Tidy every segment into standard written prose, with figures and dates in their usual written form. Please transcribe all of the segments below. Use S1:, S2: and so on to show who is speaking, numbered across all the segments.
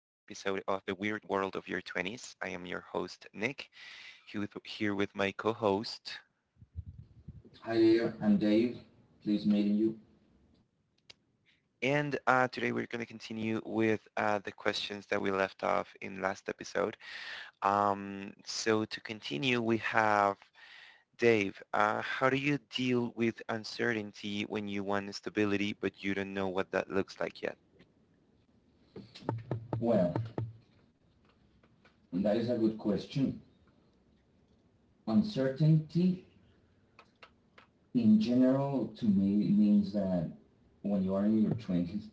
S1: of The Weird World of Your 20s. I am your host Nick here with my co-host
S2: Hi there, I'm Dave. Please meeting you.
S1: and today we're going to continue with the questions that we left off in last episode. So to continue we have Dave. How do you deal with uncertainty when you want stability but you don't know what that looks like yet?
S2: Well, that is a good question. Uncertainty in general to me means that when you are in your 20s,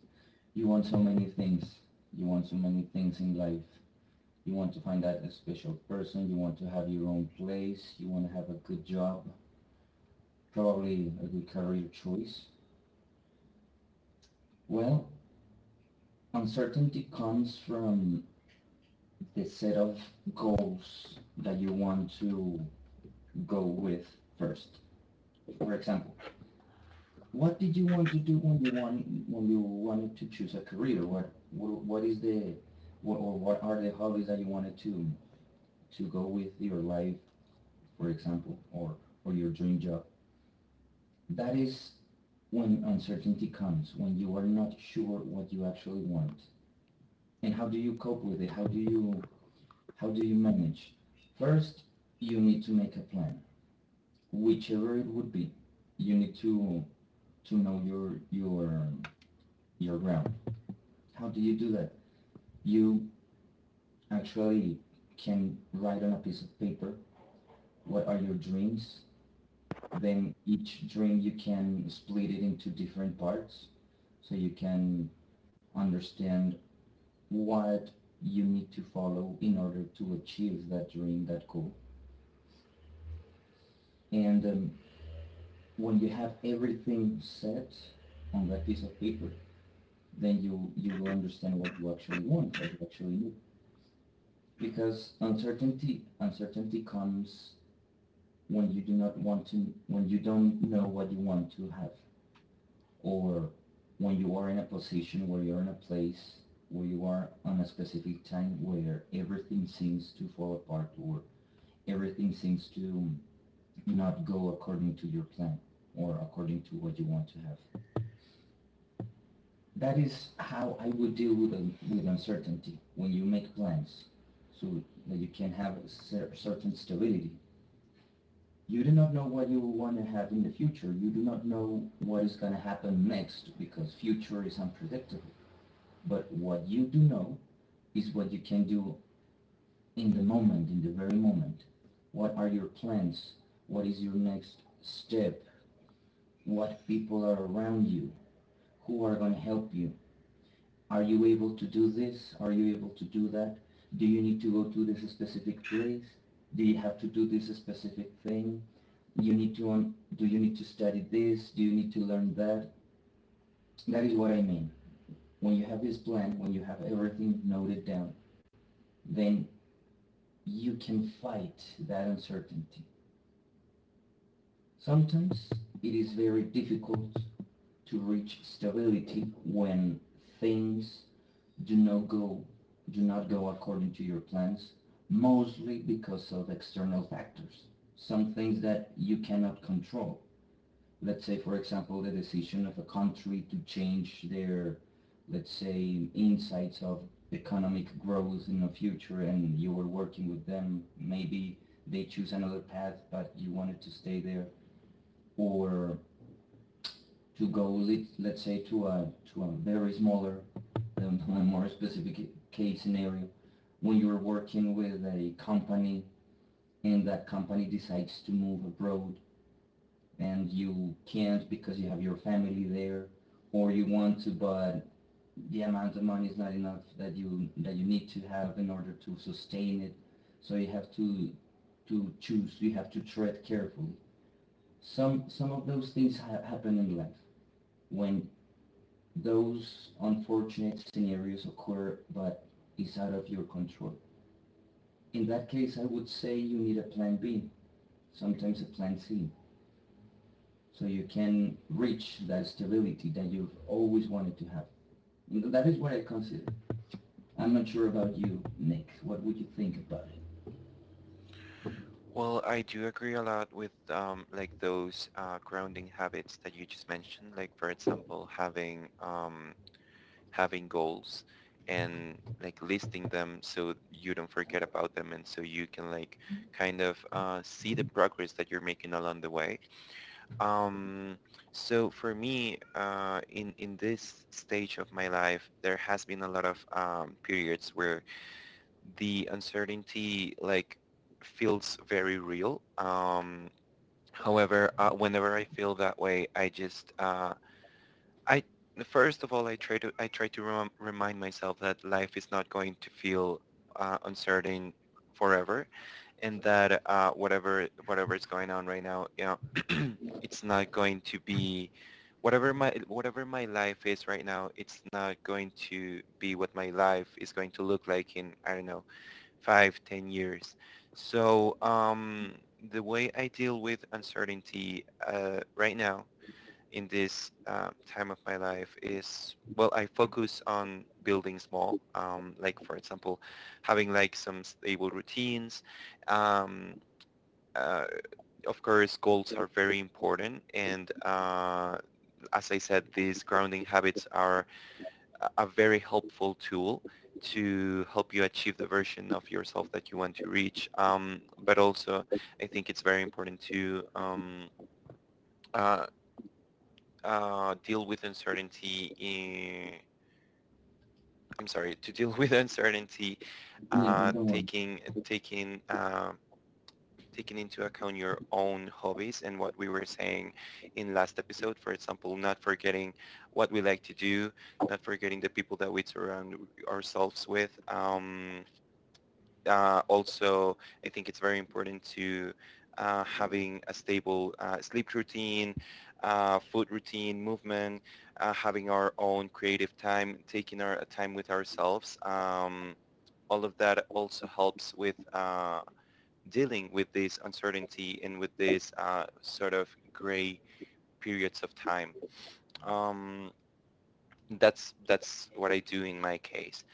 S2: you want so many things. You want so many things in life. You want to find that special person. You want to have your own place. You want to have a good job, probably a good career choice. Well, uncertainty comes from the set of goals that you want to go with first. For example, what did you want to do when you want when you wanted to choose a career? What is the what are the hobbies that you wanted to go with your life, for example, or your dream job? That is when uncertainty comes, when you are not sure what you actually want. And how do you cope with it? How do you manage? First, you need to make a plan, whichever it would be. You need to know your ground. How do you do that? You actually can write on a piece of paper what are your dreams. Then each dream you can split it into different parts so you can understand what you need to follow in order to achieve that dream, that goal. And When you have everything set on that piece of paper, then you will understand what you actually want, what you actually need. Because uncertainty comes when you do not want to, when you don't know what you want to have, or when you are in a position where you're in a place where you are on a specific time where everything seems to fall apart or everything seems to not go according to your plan or according to what you want to have. That is how I would deal with, with uncertainty. When you make plans so that you can have a certain stability, you do not know what you want to have in the future. You do not know what is going to happen next because future is unpredictable. But what you do know is what you can do in the moment, in the very moment. What are your plans? What is your next step? What people are around you? Who are going to help you? Are you able to do this? Are you able to do that? Do you need to go to this specific place? Do you have to do this specific thing? You need to Do you need to study this, do you need to learn that? That is what I mean. When you have this plan, when you have everything noted down, then you can fight that uncertainty. Sometimes it is very difficult to reach stability when things do not go do not go according to your plans, mostly because of external factors, some things that you cannot control. Let's say, for example, the decision of a country to change their, let's say, insights of economic growth in the future and you were working with them, maybe they choose another path, but you wanted to stay there, or to go, let's say, to a very smaller, a more specific case scenario, when you're working with a company and that company decides to move abroad and you can't because you have your family there, or you want to but the amount of money is not enough, that you need to have in order to sustain it. So you have to choose, you have to tread carefully. Some of those things happen in life, when those unfortunate scenarios occur, but it's out of your control. In that case, I would say you need a plan B, sometimes a plan C, so you can reach that stability that you've always wanted to have. That is what I consider. I'm not sure about you, Nick. What would you think about it?
S1: Well, I do agree a lot with like those grounding habits that you just mentioned. Like for example, having goals, and like listing them so you don't forget about them, and so you can like kind of see the progress that you're making along the way. Um, so for me, in this stage of my life, there has been a lot of periods where the uncertainty like feels very real. However, whenever I feel that way, I first of all, I try to remind myself that life is not going to feel uncertain forever, and that whatever is going on right now, you know, it's not going to be whatever my life is right now. It's not going to be what my life is going to look like in, I don't know, five, 10 years. So the way I deal with uncertainty right now in this time of my life is, well, I focus on building small, like for example, having like some stable routines. Um, uh, of course, goals are very important, and as I said, these grounding habits are very helpful tool to help you achieve the version of yourself that you want to reach. But also, I think it's very important to uh, deal with uncertainty. I'm sorry, to deal with uncertainty,
S2: Yeah, but
S1: uh,
S2: don't worry.
S1: taking taking uh, taking into account your own hobbies and what we were saying in last episode. For example, not forgetting what we like to do, not forgetting the people that we surround ourselves with. Also, I think it's very important to having a stable sleep routine, food routine, movement, having our own creative time, taking our time with ourselves. All of that also helps with dealing with this uncertainty and with this sort of gray periods of time. Um, that's what I do in my case.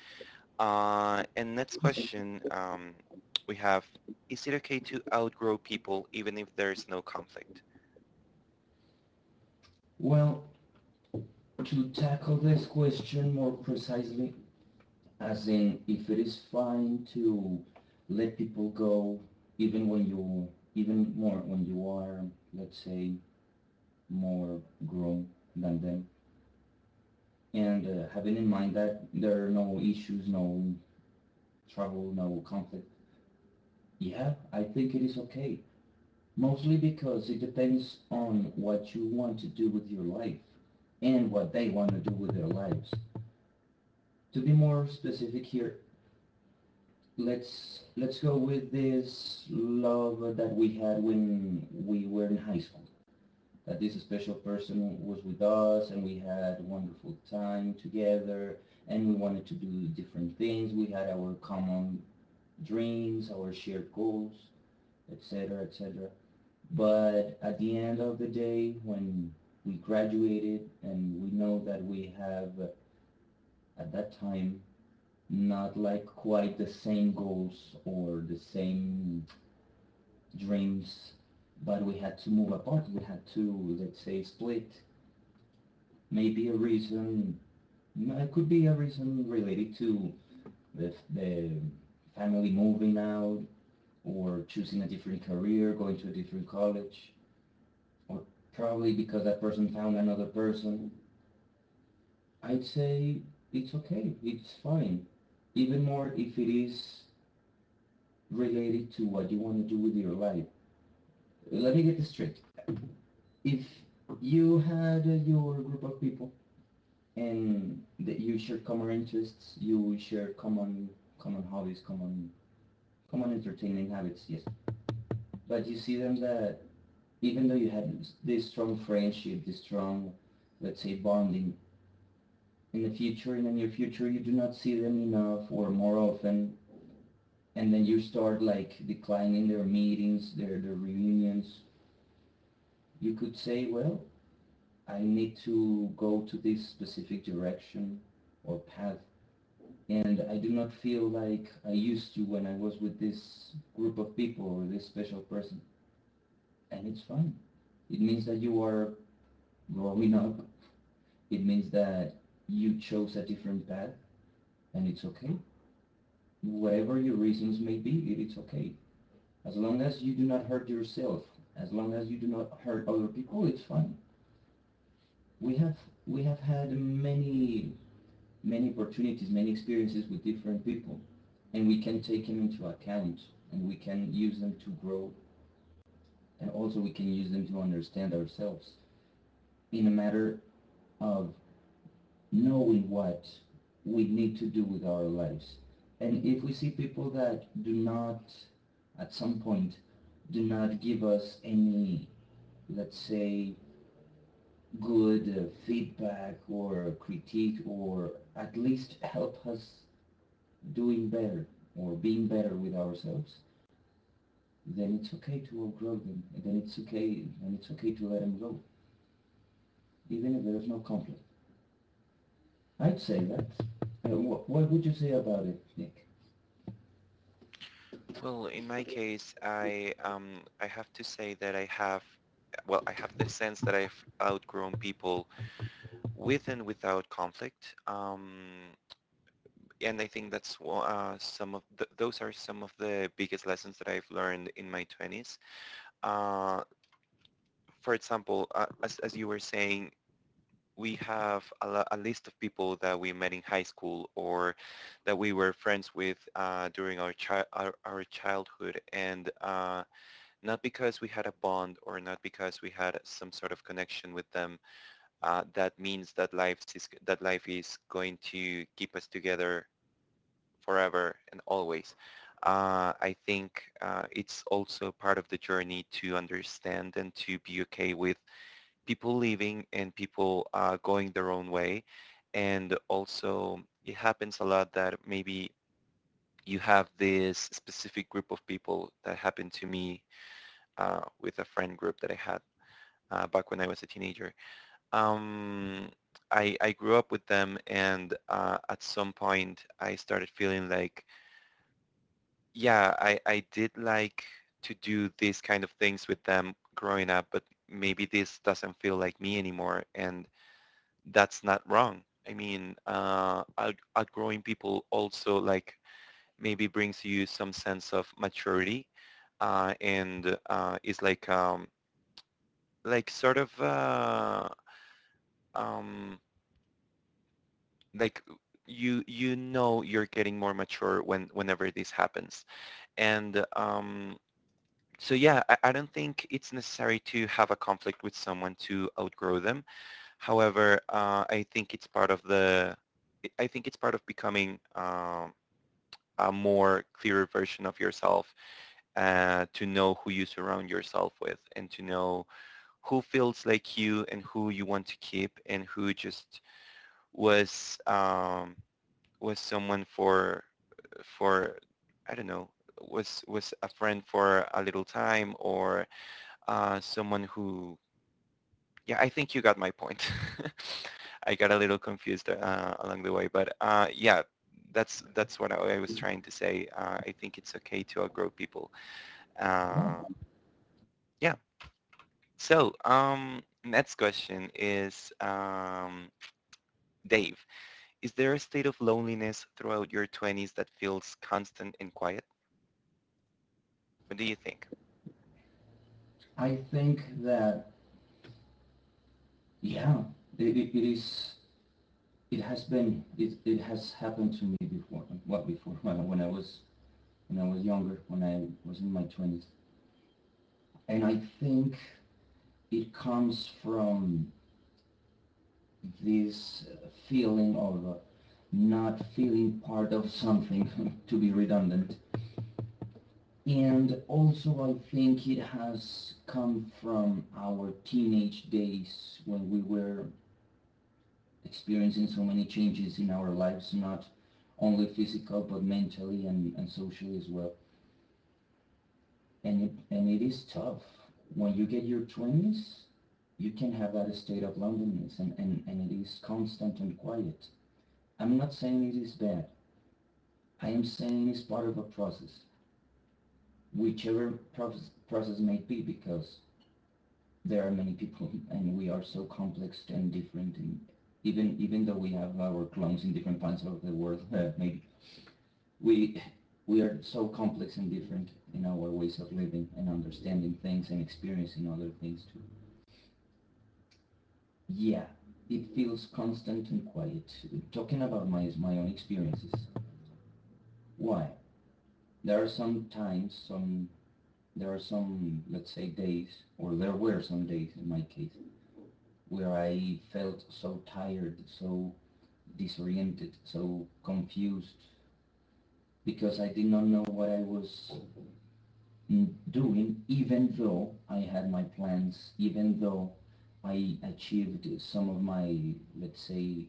S1: And next question, we have, is it okay to outgrow people even if there is no conflict?
S2: Well, to tackle this question more precisely, as in if it is fine to let people go, even when you, even more when you are, let's say, more grown than them, and having in mind that there are no issues, no trouble, no conflict. Yeah, I think it is okay. Mostly because it depends on what you want to do with your life and what they want to do with their lives. To be more specific here, let's go with this love that we had when we were in high school. That this special person was with us and we had wonderful time together and we wanted to do different things. We had our common dreams, our shared goals, etc., etc. But at the end of the day, when we graduated and we know that we have, at that time, not like quite the same goals or the same dreams, but we had to move apart. We had to, let's say, split. Maybe a reason, no, it could be a reason related to the family moving out, or choosing a different career, going to a different college, or probably because that person found another person. I'd say it's okay, it's fine. Even more if it is related to what you want to do with your life. Let me get this straight. If you had your group of people and that you share common interests, you share common hobbies, common entertaining habits, yes. But you see them that, even though you had this strong friendship, this strong, let's say, bonding, in the future, in the near future, you do not see them enough or more often, and then you start like declining their meetings, their reunions. You could say, well, I need to go to this specific direction or path, and I do not feel like I used to when I was with this group of people or this special person, and it's fine. It means that you are growing up. It means that you chose a different path, and it's okay. Whatever your reasons may be, it's okay. As long as you do not hurt yourself, as long as you do not hurt other people, it's fine. We have we have had many, many opportunities, many experiences with different people, and we can take them into account, and we can use them to grow, and also we can use them to understand ourselves, in a matter of knowing what we need to do with our lives. And if we see people that do not, at some point, do not give us any, let's say, good feedback or critique, or at least help us doing better or being better with ourselves, then it's okay to outgrow them. And then it's okay, and it's okay to let them go, even if there's no conflict. I'd say that. What would you say about it, Nick?
S1: Well, in my case, I have to say that I have, well, I have the sense that I've outgrown people with and without conflict. And I think that's some of the, those are some of the biggest lessons that I've learned in my 20s. Uh, for example, as you were saying, we have a, a list of people that we met in high school or that we were friends with during our childhood, and not because we had a bond or not because we had some sort of connection with them, that means that life is going to keep us together forever and always. I think it's also part of the journey to understand and to be okay with people leaving and people going their own way. And also it happens a lot that maybe you have this specific group of people that happened to me with a friend group that I had back when I was a teenager. Um, I grew up with them and at some point I started feeling like, yeah, I did like to do these kind of things with them growing up, but maybe this doesn't feel like me anymore. And that's not wrong. I mean, outgrowing people also like maybe brings you some sense of maturity, and is like sort of um, like you know you're getting more mature when whenever this happens, and so yeah, I don't think it's necessary to have a conflict with someone to outgrow them. However, I think it's part of the, I think it's part of becoming, a more clearer version of yourself to know who you surround yourself with and to know who feels like you and who you want to keep and who just was um, was someone for, for I don't know, was a friend for a little time, or someone who, yeah, I think you got my point. I got a little confused along the way, but yeah, that's what I was trying to say. I think it's okay to outgrow people.
S2: Yeah,
S1: Uh, yeah. So next question is, Dave. Is there a state of loneliness throughout your 20s that feels constant and quiet? What do you think?
S2: I think that, yeah, it is. It has been. It has happened to me before. What before? When I was, when I was younger, when I was in my twenties, and I think it comes from this feeling of not feeling part of something, to be redundant. And also, I think it has come from our teenage days when we were experiencing so many changes in our lives, not only physical but mentally and socially as well. And it is tough. When you get your 20s, you can have that state of loneliness, and it is constant and quiet. I'm not saying it is bad. I am saying it's part of a process, whichever process may be, because there are many people and we are so complex and different, and even though we have our clones in different parts of the world, maybe we we are so complex and different in our ways of living and understanding things and experiencing other things too. Yeah, it feels constant and quiet. Talking about my own experiences. Why? There are some times, some there are some, let's say, days, or there were some days in my case, where I felt so tired, so disoriented, so confused, because I did not know what I was doing, even though I had my plans, even though I achieved some of my, let's say,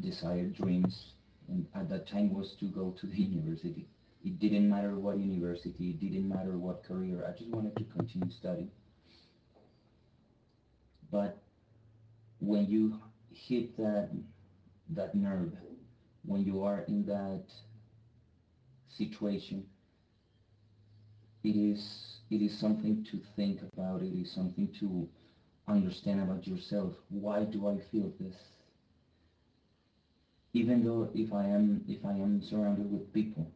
S2: desired dreams. And at that time was to go to the university. It didn't matter what university, it didn't matter what career. I just wanted to continue studying. But when you hit that nerve, when you are in that situation, it is something to think about. It is something to understand about yourself. Why do I feel this? Even though, if I am surrounded with people,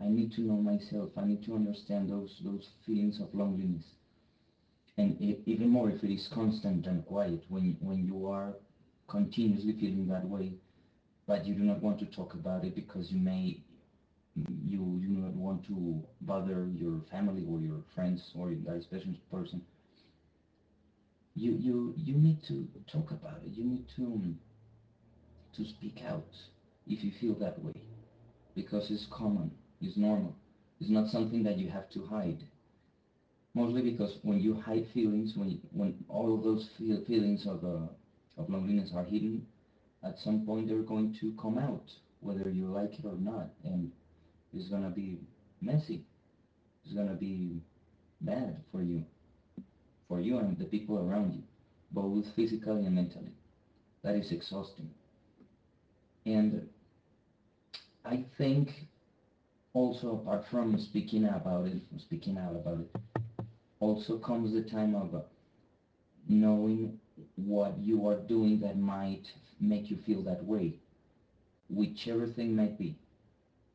S2: I need to know myself. I need to understand those feelings of loneliness, and e even more if it is constant and quiet. When you are continuously feeling that way, but you do not want to talk about it because you may you you do not want to bother your family or your friends or that special person. You need to talk about it. You need to speak out if you feel that way because it's common, it's normal. It's not something that you have to hide. Mostly because when you hide feelings, when all of those feelings of of loneliness are hidden, at some point they're going to come out, whether you like it or not, and it's gonna be messy. It's gonna be bad for you and the people around you, both physically and mentally. That is exhausting. And I think also apart from speaking about it, speaking out about it, also comes the time of knowing what you are doing that might make you feel that way, whichever thing might be.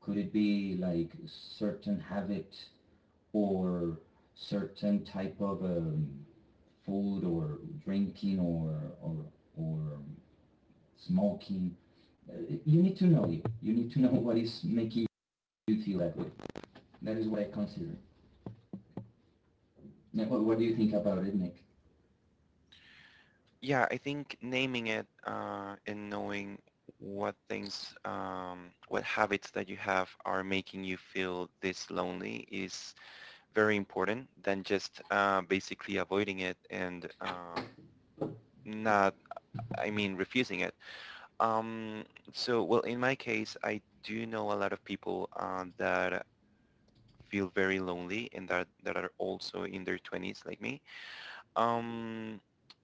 S2: Could it be like certain habit or certain type of food or drinking or smoking? Uh, You need to know you. You need to know what is making you feel that way. That is what I consider. Now, what do you think about it, Nick?
S1: Yeah, I think naming it and knowing what things, what habits that you have are making you feel this lonely is very important than just basically avoiding it and not, I mean, refusing it. Um, so, well, in my case, I do know a lot of people that feel very lonely and that are also in their 20s like me. Um,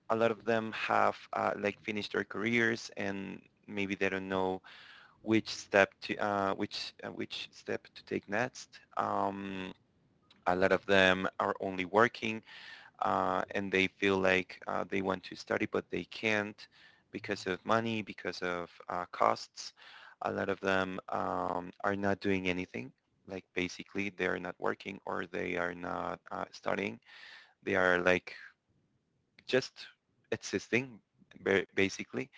S1: a lot of them have like finished their careers and maybe they don't know which step to which step to take next. A lot of them are only working and they feel like they want to study but they can't because of money, because of costs. A lot of them are not doing anything. Like basically they are not working or they are not studying. They are like just existing basically,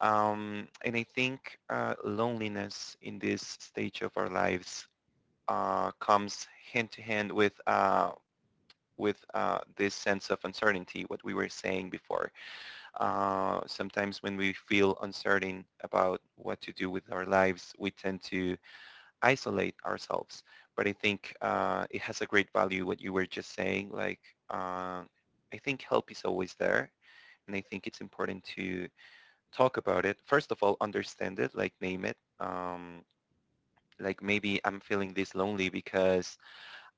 S1: and I think loneliness in this stage of our lives comes hand to hand with this sense of uncertainty, what we were saying before. Sometimes when we feel uncertain about what to do with our lives, we tend to isolate ourselves. But I think it has a great value what you were just saying. Like uh, I think help is always there, and I think it's important to talk about it. First of all, understand it, like name it. Like maybe I'm feeling this lonely because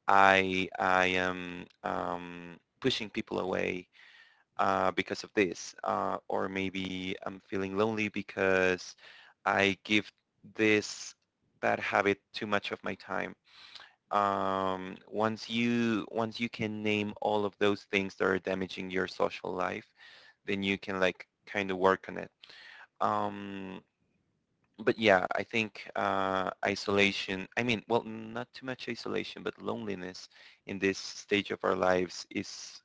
S1: I am pushing people away because of this, or maybe I'm feeling lonely because I give this bad habit too much of my time. Once you can name all of those things that are damaging your social life, then you can like kind of work on it. Um, but yeah, I think isolation, I mean, well, not too much isolation, but loneliness in this stage of our lives is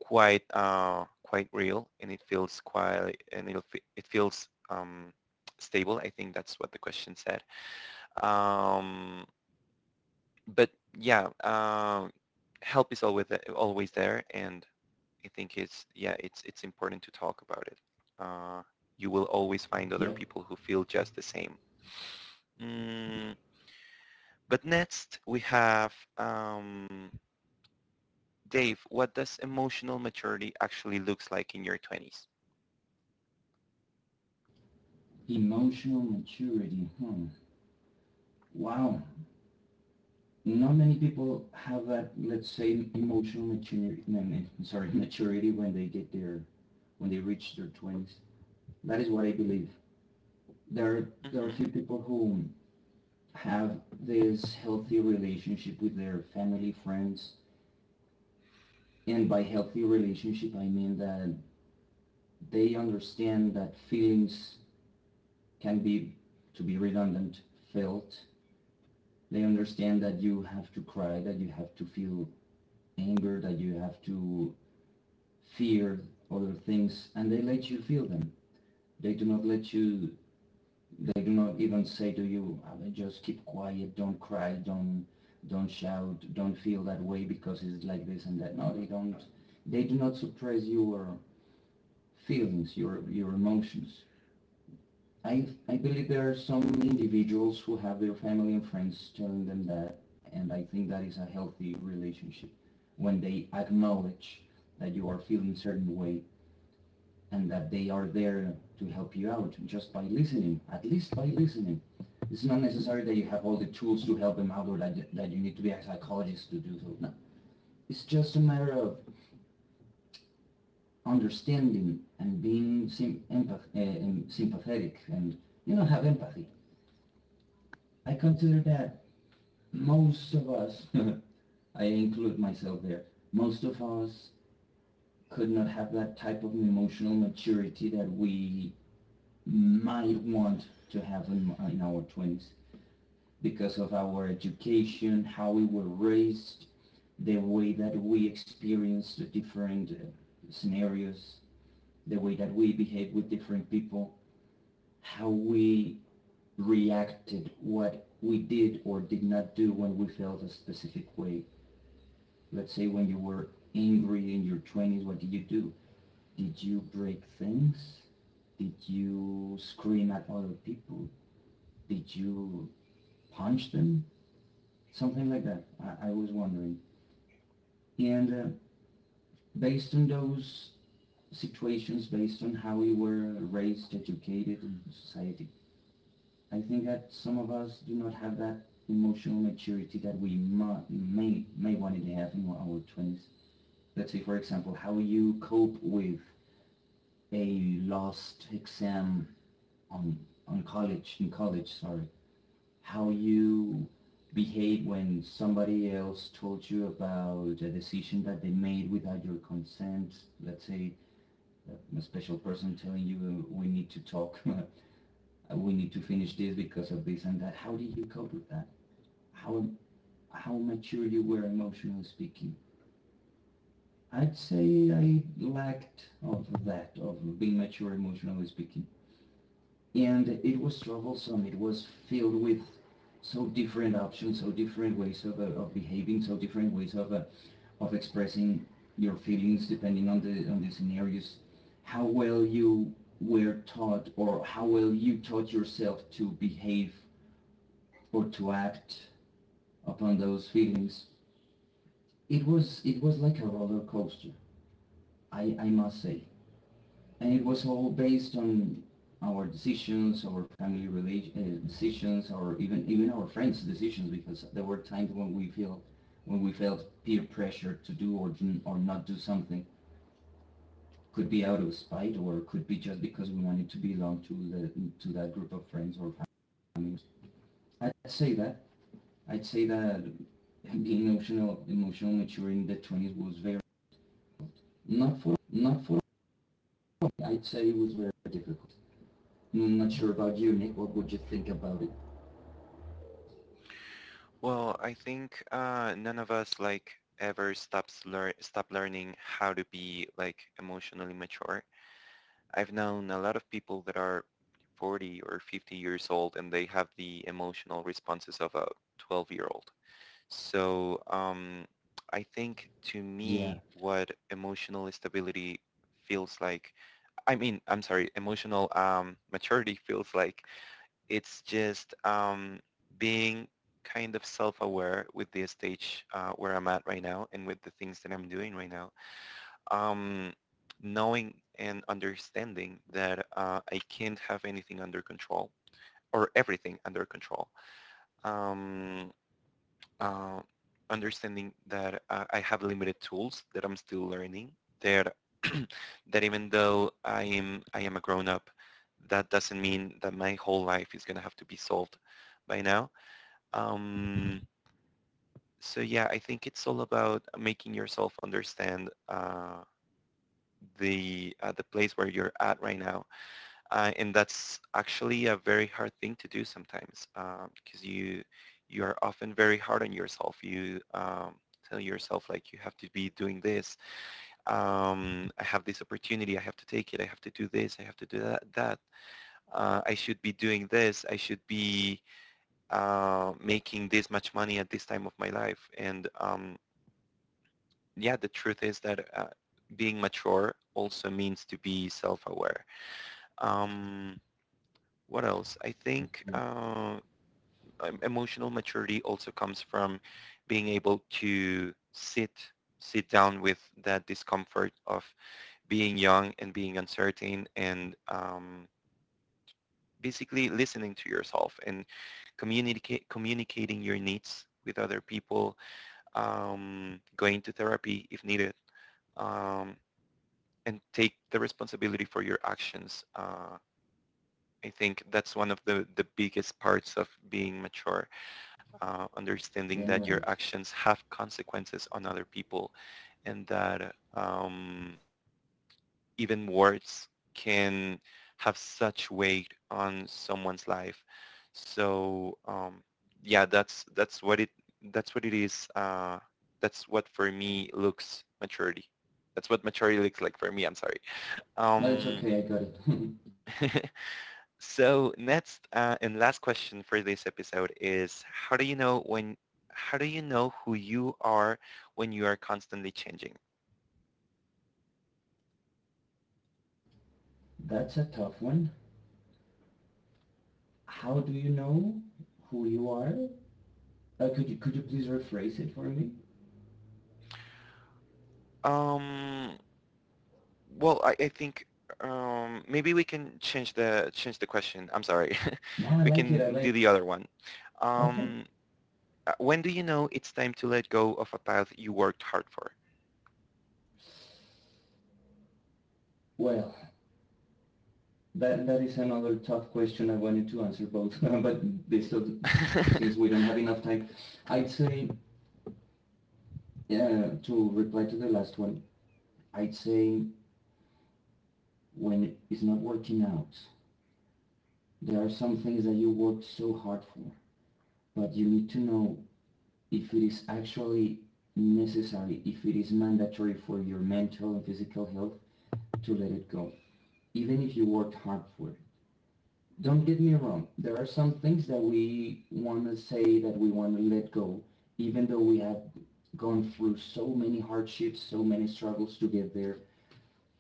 S1: quite quite real and it feels quite, and it'll, fe- it feels stable. I think that's what the question said. Um, but yeah, help is always, always there and I think it's, yeah, it's important to talk about it. Uh, you will always find other
S2: Yep.
S1: people who feel just the same. Mm, but next we have, Dave. What does emotional maturity actually looks like in your 20s?
S2: Emotional maturity. Hmm. Wow. Not many people have that, let's say, emotional maturity. No, no, Sorry, maturity when they get their when they reach their 20s. That is what I believe. There are a
S1: Hmm.
S2: few people who have this healthy relationship with their family, friends, and by healthy relationship I mean that they understand that feelings can be to be redundant felt. They understand that you have to cry, that you have to feel anger, that you have to fear other things, and they let you feel them. they do not let you they do not even say to you, "Ah, just keep quiet, don't cry, don't shout, don't feel that way because it's like this and that." No, they don't. They do not suppress your feelings, your emotions. I believe there are some individuals who have their family and friends telling them that, and I think that is a healthy relationship, when they acknowledge that you are feeling certain way and that they are there to help you out just by listening, at least by listening. It's not necessary that you have all the tools to help them out, that you need to be a psychologist to do so. No. It's just a matter of understanding and being sympathetic and, you know, have empathy. I consider that most of us, I include myself there, most of us could not have that type of emotional maturity that we might want to have in our 20s, because of our education, how we were raised, the way that we experienced different scenarios, the way that we behaved with different people, how we reacted, what we did or did not do when we felt a specific way. Let's say when you were angry in your 20s, what did you do? Did you break things? Did you scream at other people? Did you punch them? Something like that. I was wondering. And based on those situations, based on how we were raised, educated in society. I think that some of us do not have that emotional maturity that we may wanted to have in our twenties. Let's say, for example, how you cope with a lost exam on on college in college. Sorry, how you behave when somebody else told you about a decision that they made without your consent. Let's say a special person telling you, we need to talk, we need to finish this because of this and that. How did you cope with that? How how mature you were, emotionally speaking? I'd say I lacked of that, of being mature emotionally speaking. And it was troublesome. It was filled with so different options, so different ways of of behaving, so different ways of of expressing your feelings depending on the scenarios, how well you were taught or how well you taught yourself to behave or to act upon those feelings. It was like a roller coaster, I must say. And it was all based on our decisions, our family relation decisions, or even our friends decisions, because there were times when we feel when we felt peer pressure to do or not do something. Could be out of spite, or could be just because we wanted to belong to the to that group of friends or families. I'd say that. I'd say that being emotional mature in the 20s was very not for not for I'd say it was very difficult. I'm not sure about you, Nick. What would you think about it?
S1: Well, I think none of us like ever stop learning how to be like emotionally mature. I've known a lot of people that are 40 or 50 years old and they have the emotional responses of a 12-year-old. So I think to
S2: Yeah,
S1: me what emotional stability feels like, I mean, I'm sorry, emotional maturity feels like it's just being kind of self-aware with the stage where I'm at right now and with the things that I'm doing right now. Um, knowing and understanding that I can't have anything under control or everything under control. Um, uh, Understanding that I have limited tools that I'm still learning. That that even though I am a grown up, that doesn't mean that my whole life is gonna have to be solved by now. Um, so yeah, I think it's all about making yourself understand the place where you're at right now, and that's actually a very hard thing to do sometimes because you are often very hard on yourself. You tell yourself like you have to be doing this. I have this opportunity. I have to take it. I have to do this. I have to do that. That I should be doing this. I should be making this much money at this time of my life. And yeah, the truth is that being mature also means to be self-aware. Um, what else? I think
S2: you're
S1: emotional maturity also comes from being able to sit down with that discomfort of being young and being uncertain and basically listening to yourself and communicate communicating your needs with other people, going to therapy if needed, um, and take the responsibility for your actions. I think that's one of the biggest parts of being mature, understanding
S2: damn
S1: that your
S2: right.
S1: actions have consequences on other people and that, even words can have such weight on someone's life. So yeah, that's what it is. That's what for me looks maturity. That's what maturity looks like for me. I'm sorry.
S2: But it's
S1: Um,
S2: okay. I got it.
S1: So next and last question for this episode is how do you know when, how do you know who you are when you are constantly changing?
S2: That's a tough one. How do you know who you are? Could you please rephrase it for me?
S1: Um, well, I think, maybe we can change the, change the question. I'm sorry.
S2: No, I
S1: We
S2: like it. I
S1: can
S2: like.
S1: do the other one.
S2: It. Okay.
S1: Um, when do you know it's time to let go of a path you worked hard for?
S2: Well, that that is another tough question. I wanted to answer both, but this since we don't have enough time, I'd say to reply to the last one. I'd say when it's not working out, there are some things that you worked so hard for, but you need to know if it is actually necessary, if it is mandatory for your mental and physical health to let it go, even if you worked hard for it. Don't get me wrong. There are some things that we want to say that we want to let go, even though we have gone through so many hardships, so many struggles to get there,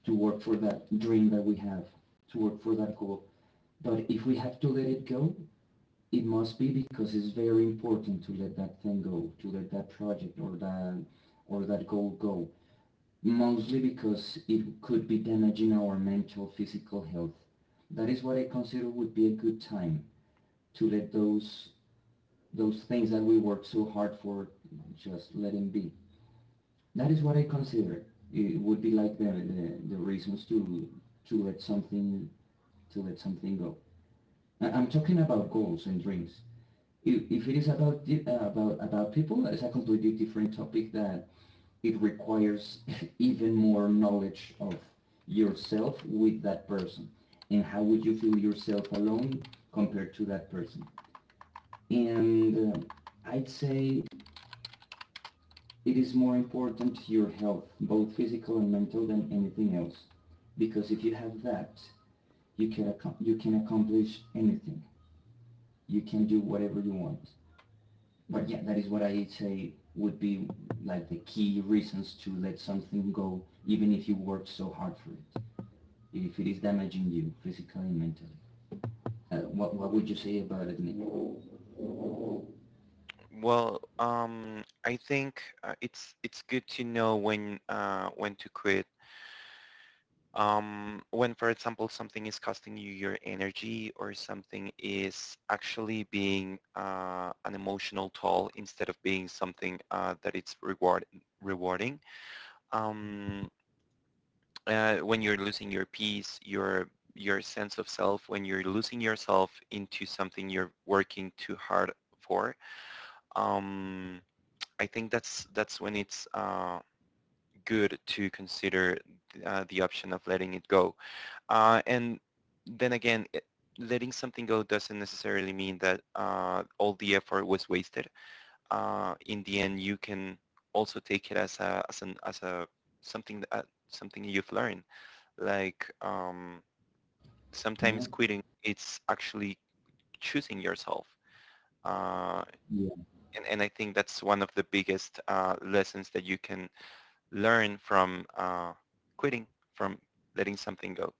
S2: to work for that dream that we have, to work for that goal. But if we have to let it go, it must be because it's very important to let that thing go, to let that project or that goal go. Mostly because it could be damaging our mental, physical health. That is what I consider would be a good time to let those things that we worked so hard for just let them be. That is what I consider. It would be like the reasons to let something to let something go. I am talking about goals and dreams. If it is about people, it's a completely different topic that it requires even more knowledge of yourself with that person, and how would you feel yourself alone compared to that person. And I'd say it is more important your health, both physical and mental, than anything else. Because if you have that, you can you can accomplish anything. You can do whatever you want. But yeah, that is what I say would be like the key reasons to let something go, even if you worked so hard for it. If it is damaging you physically and mentally. What what would you say about it, Nick?
S1: Well, I think it's good to know when, when to quit, when, for example, something is costing you your energy or something is actually being an emotional toll instead of being something that it's rewarding. Um, when you're losing your peace, your sense of self, when you're losing yourself into something you're working too hard for, um, I think that's when it's good to consider the option of letting it go. And then again, letting something go doesn't necessarily mean that all the effort was wasted. In the end, you can also take it as a as an as a something that, something you've learned. Like
S2: Yeah.
S1: sometimes quitting, it's actually choosing yourself. Uh,
S2: Yeah.
S1: and I think that's one of the biggest lessons that you can learn from quitting, from letting something go.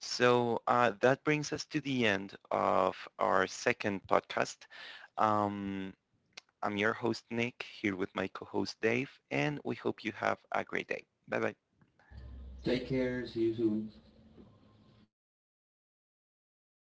S1: So that brings us to the end of our second podcast. Um, I'm your host, Nick, here with my co-host, Dave, and we hope you have a great day. Bye-bye.
S2: Take care. See you soon.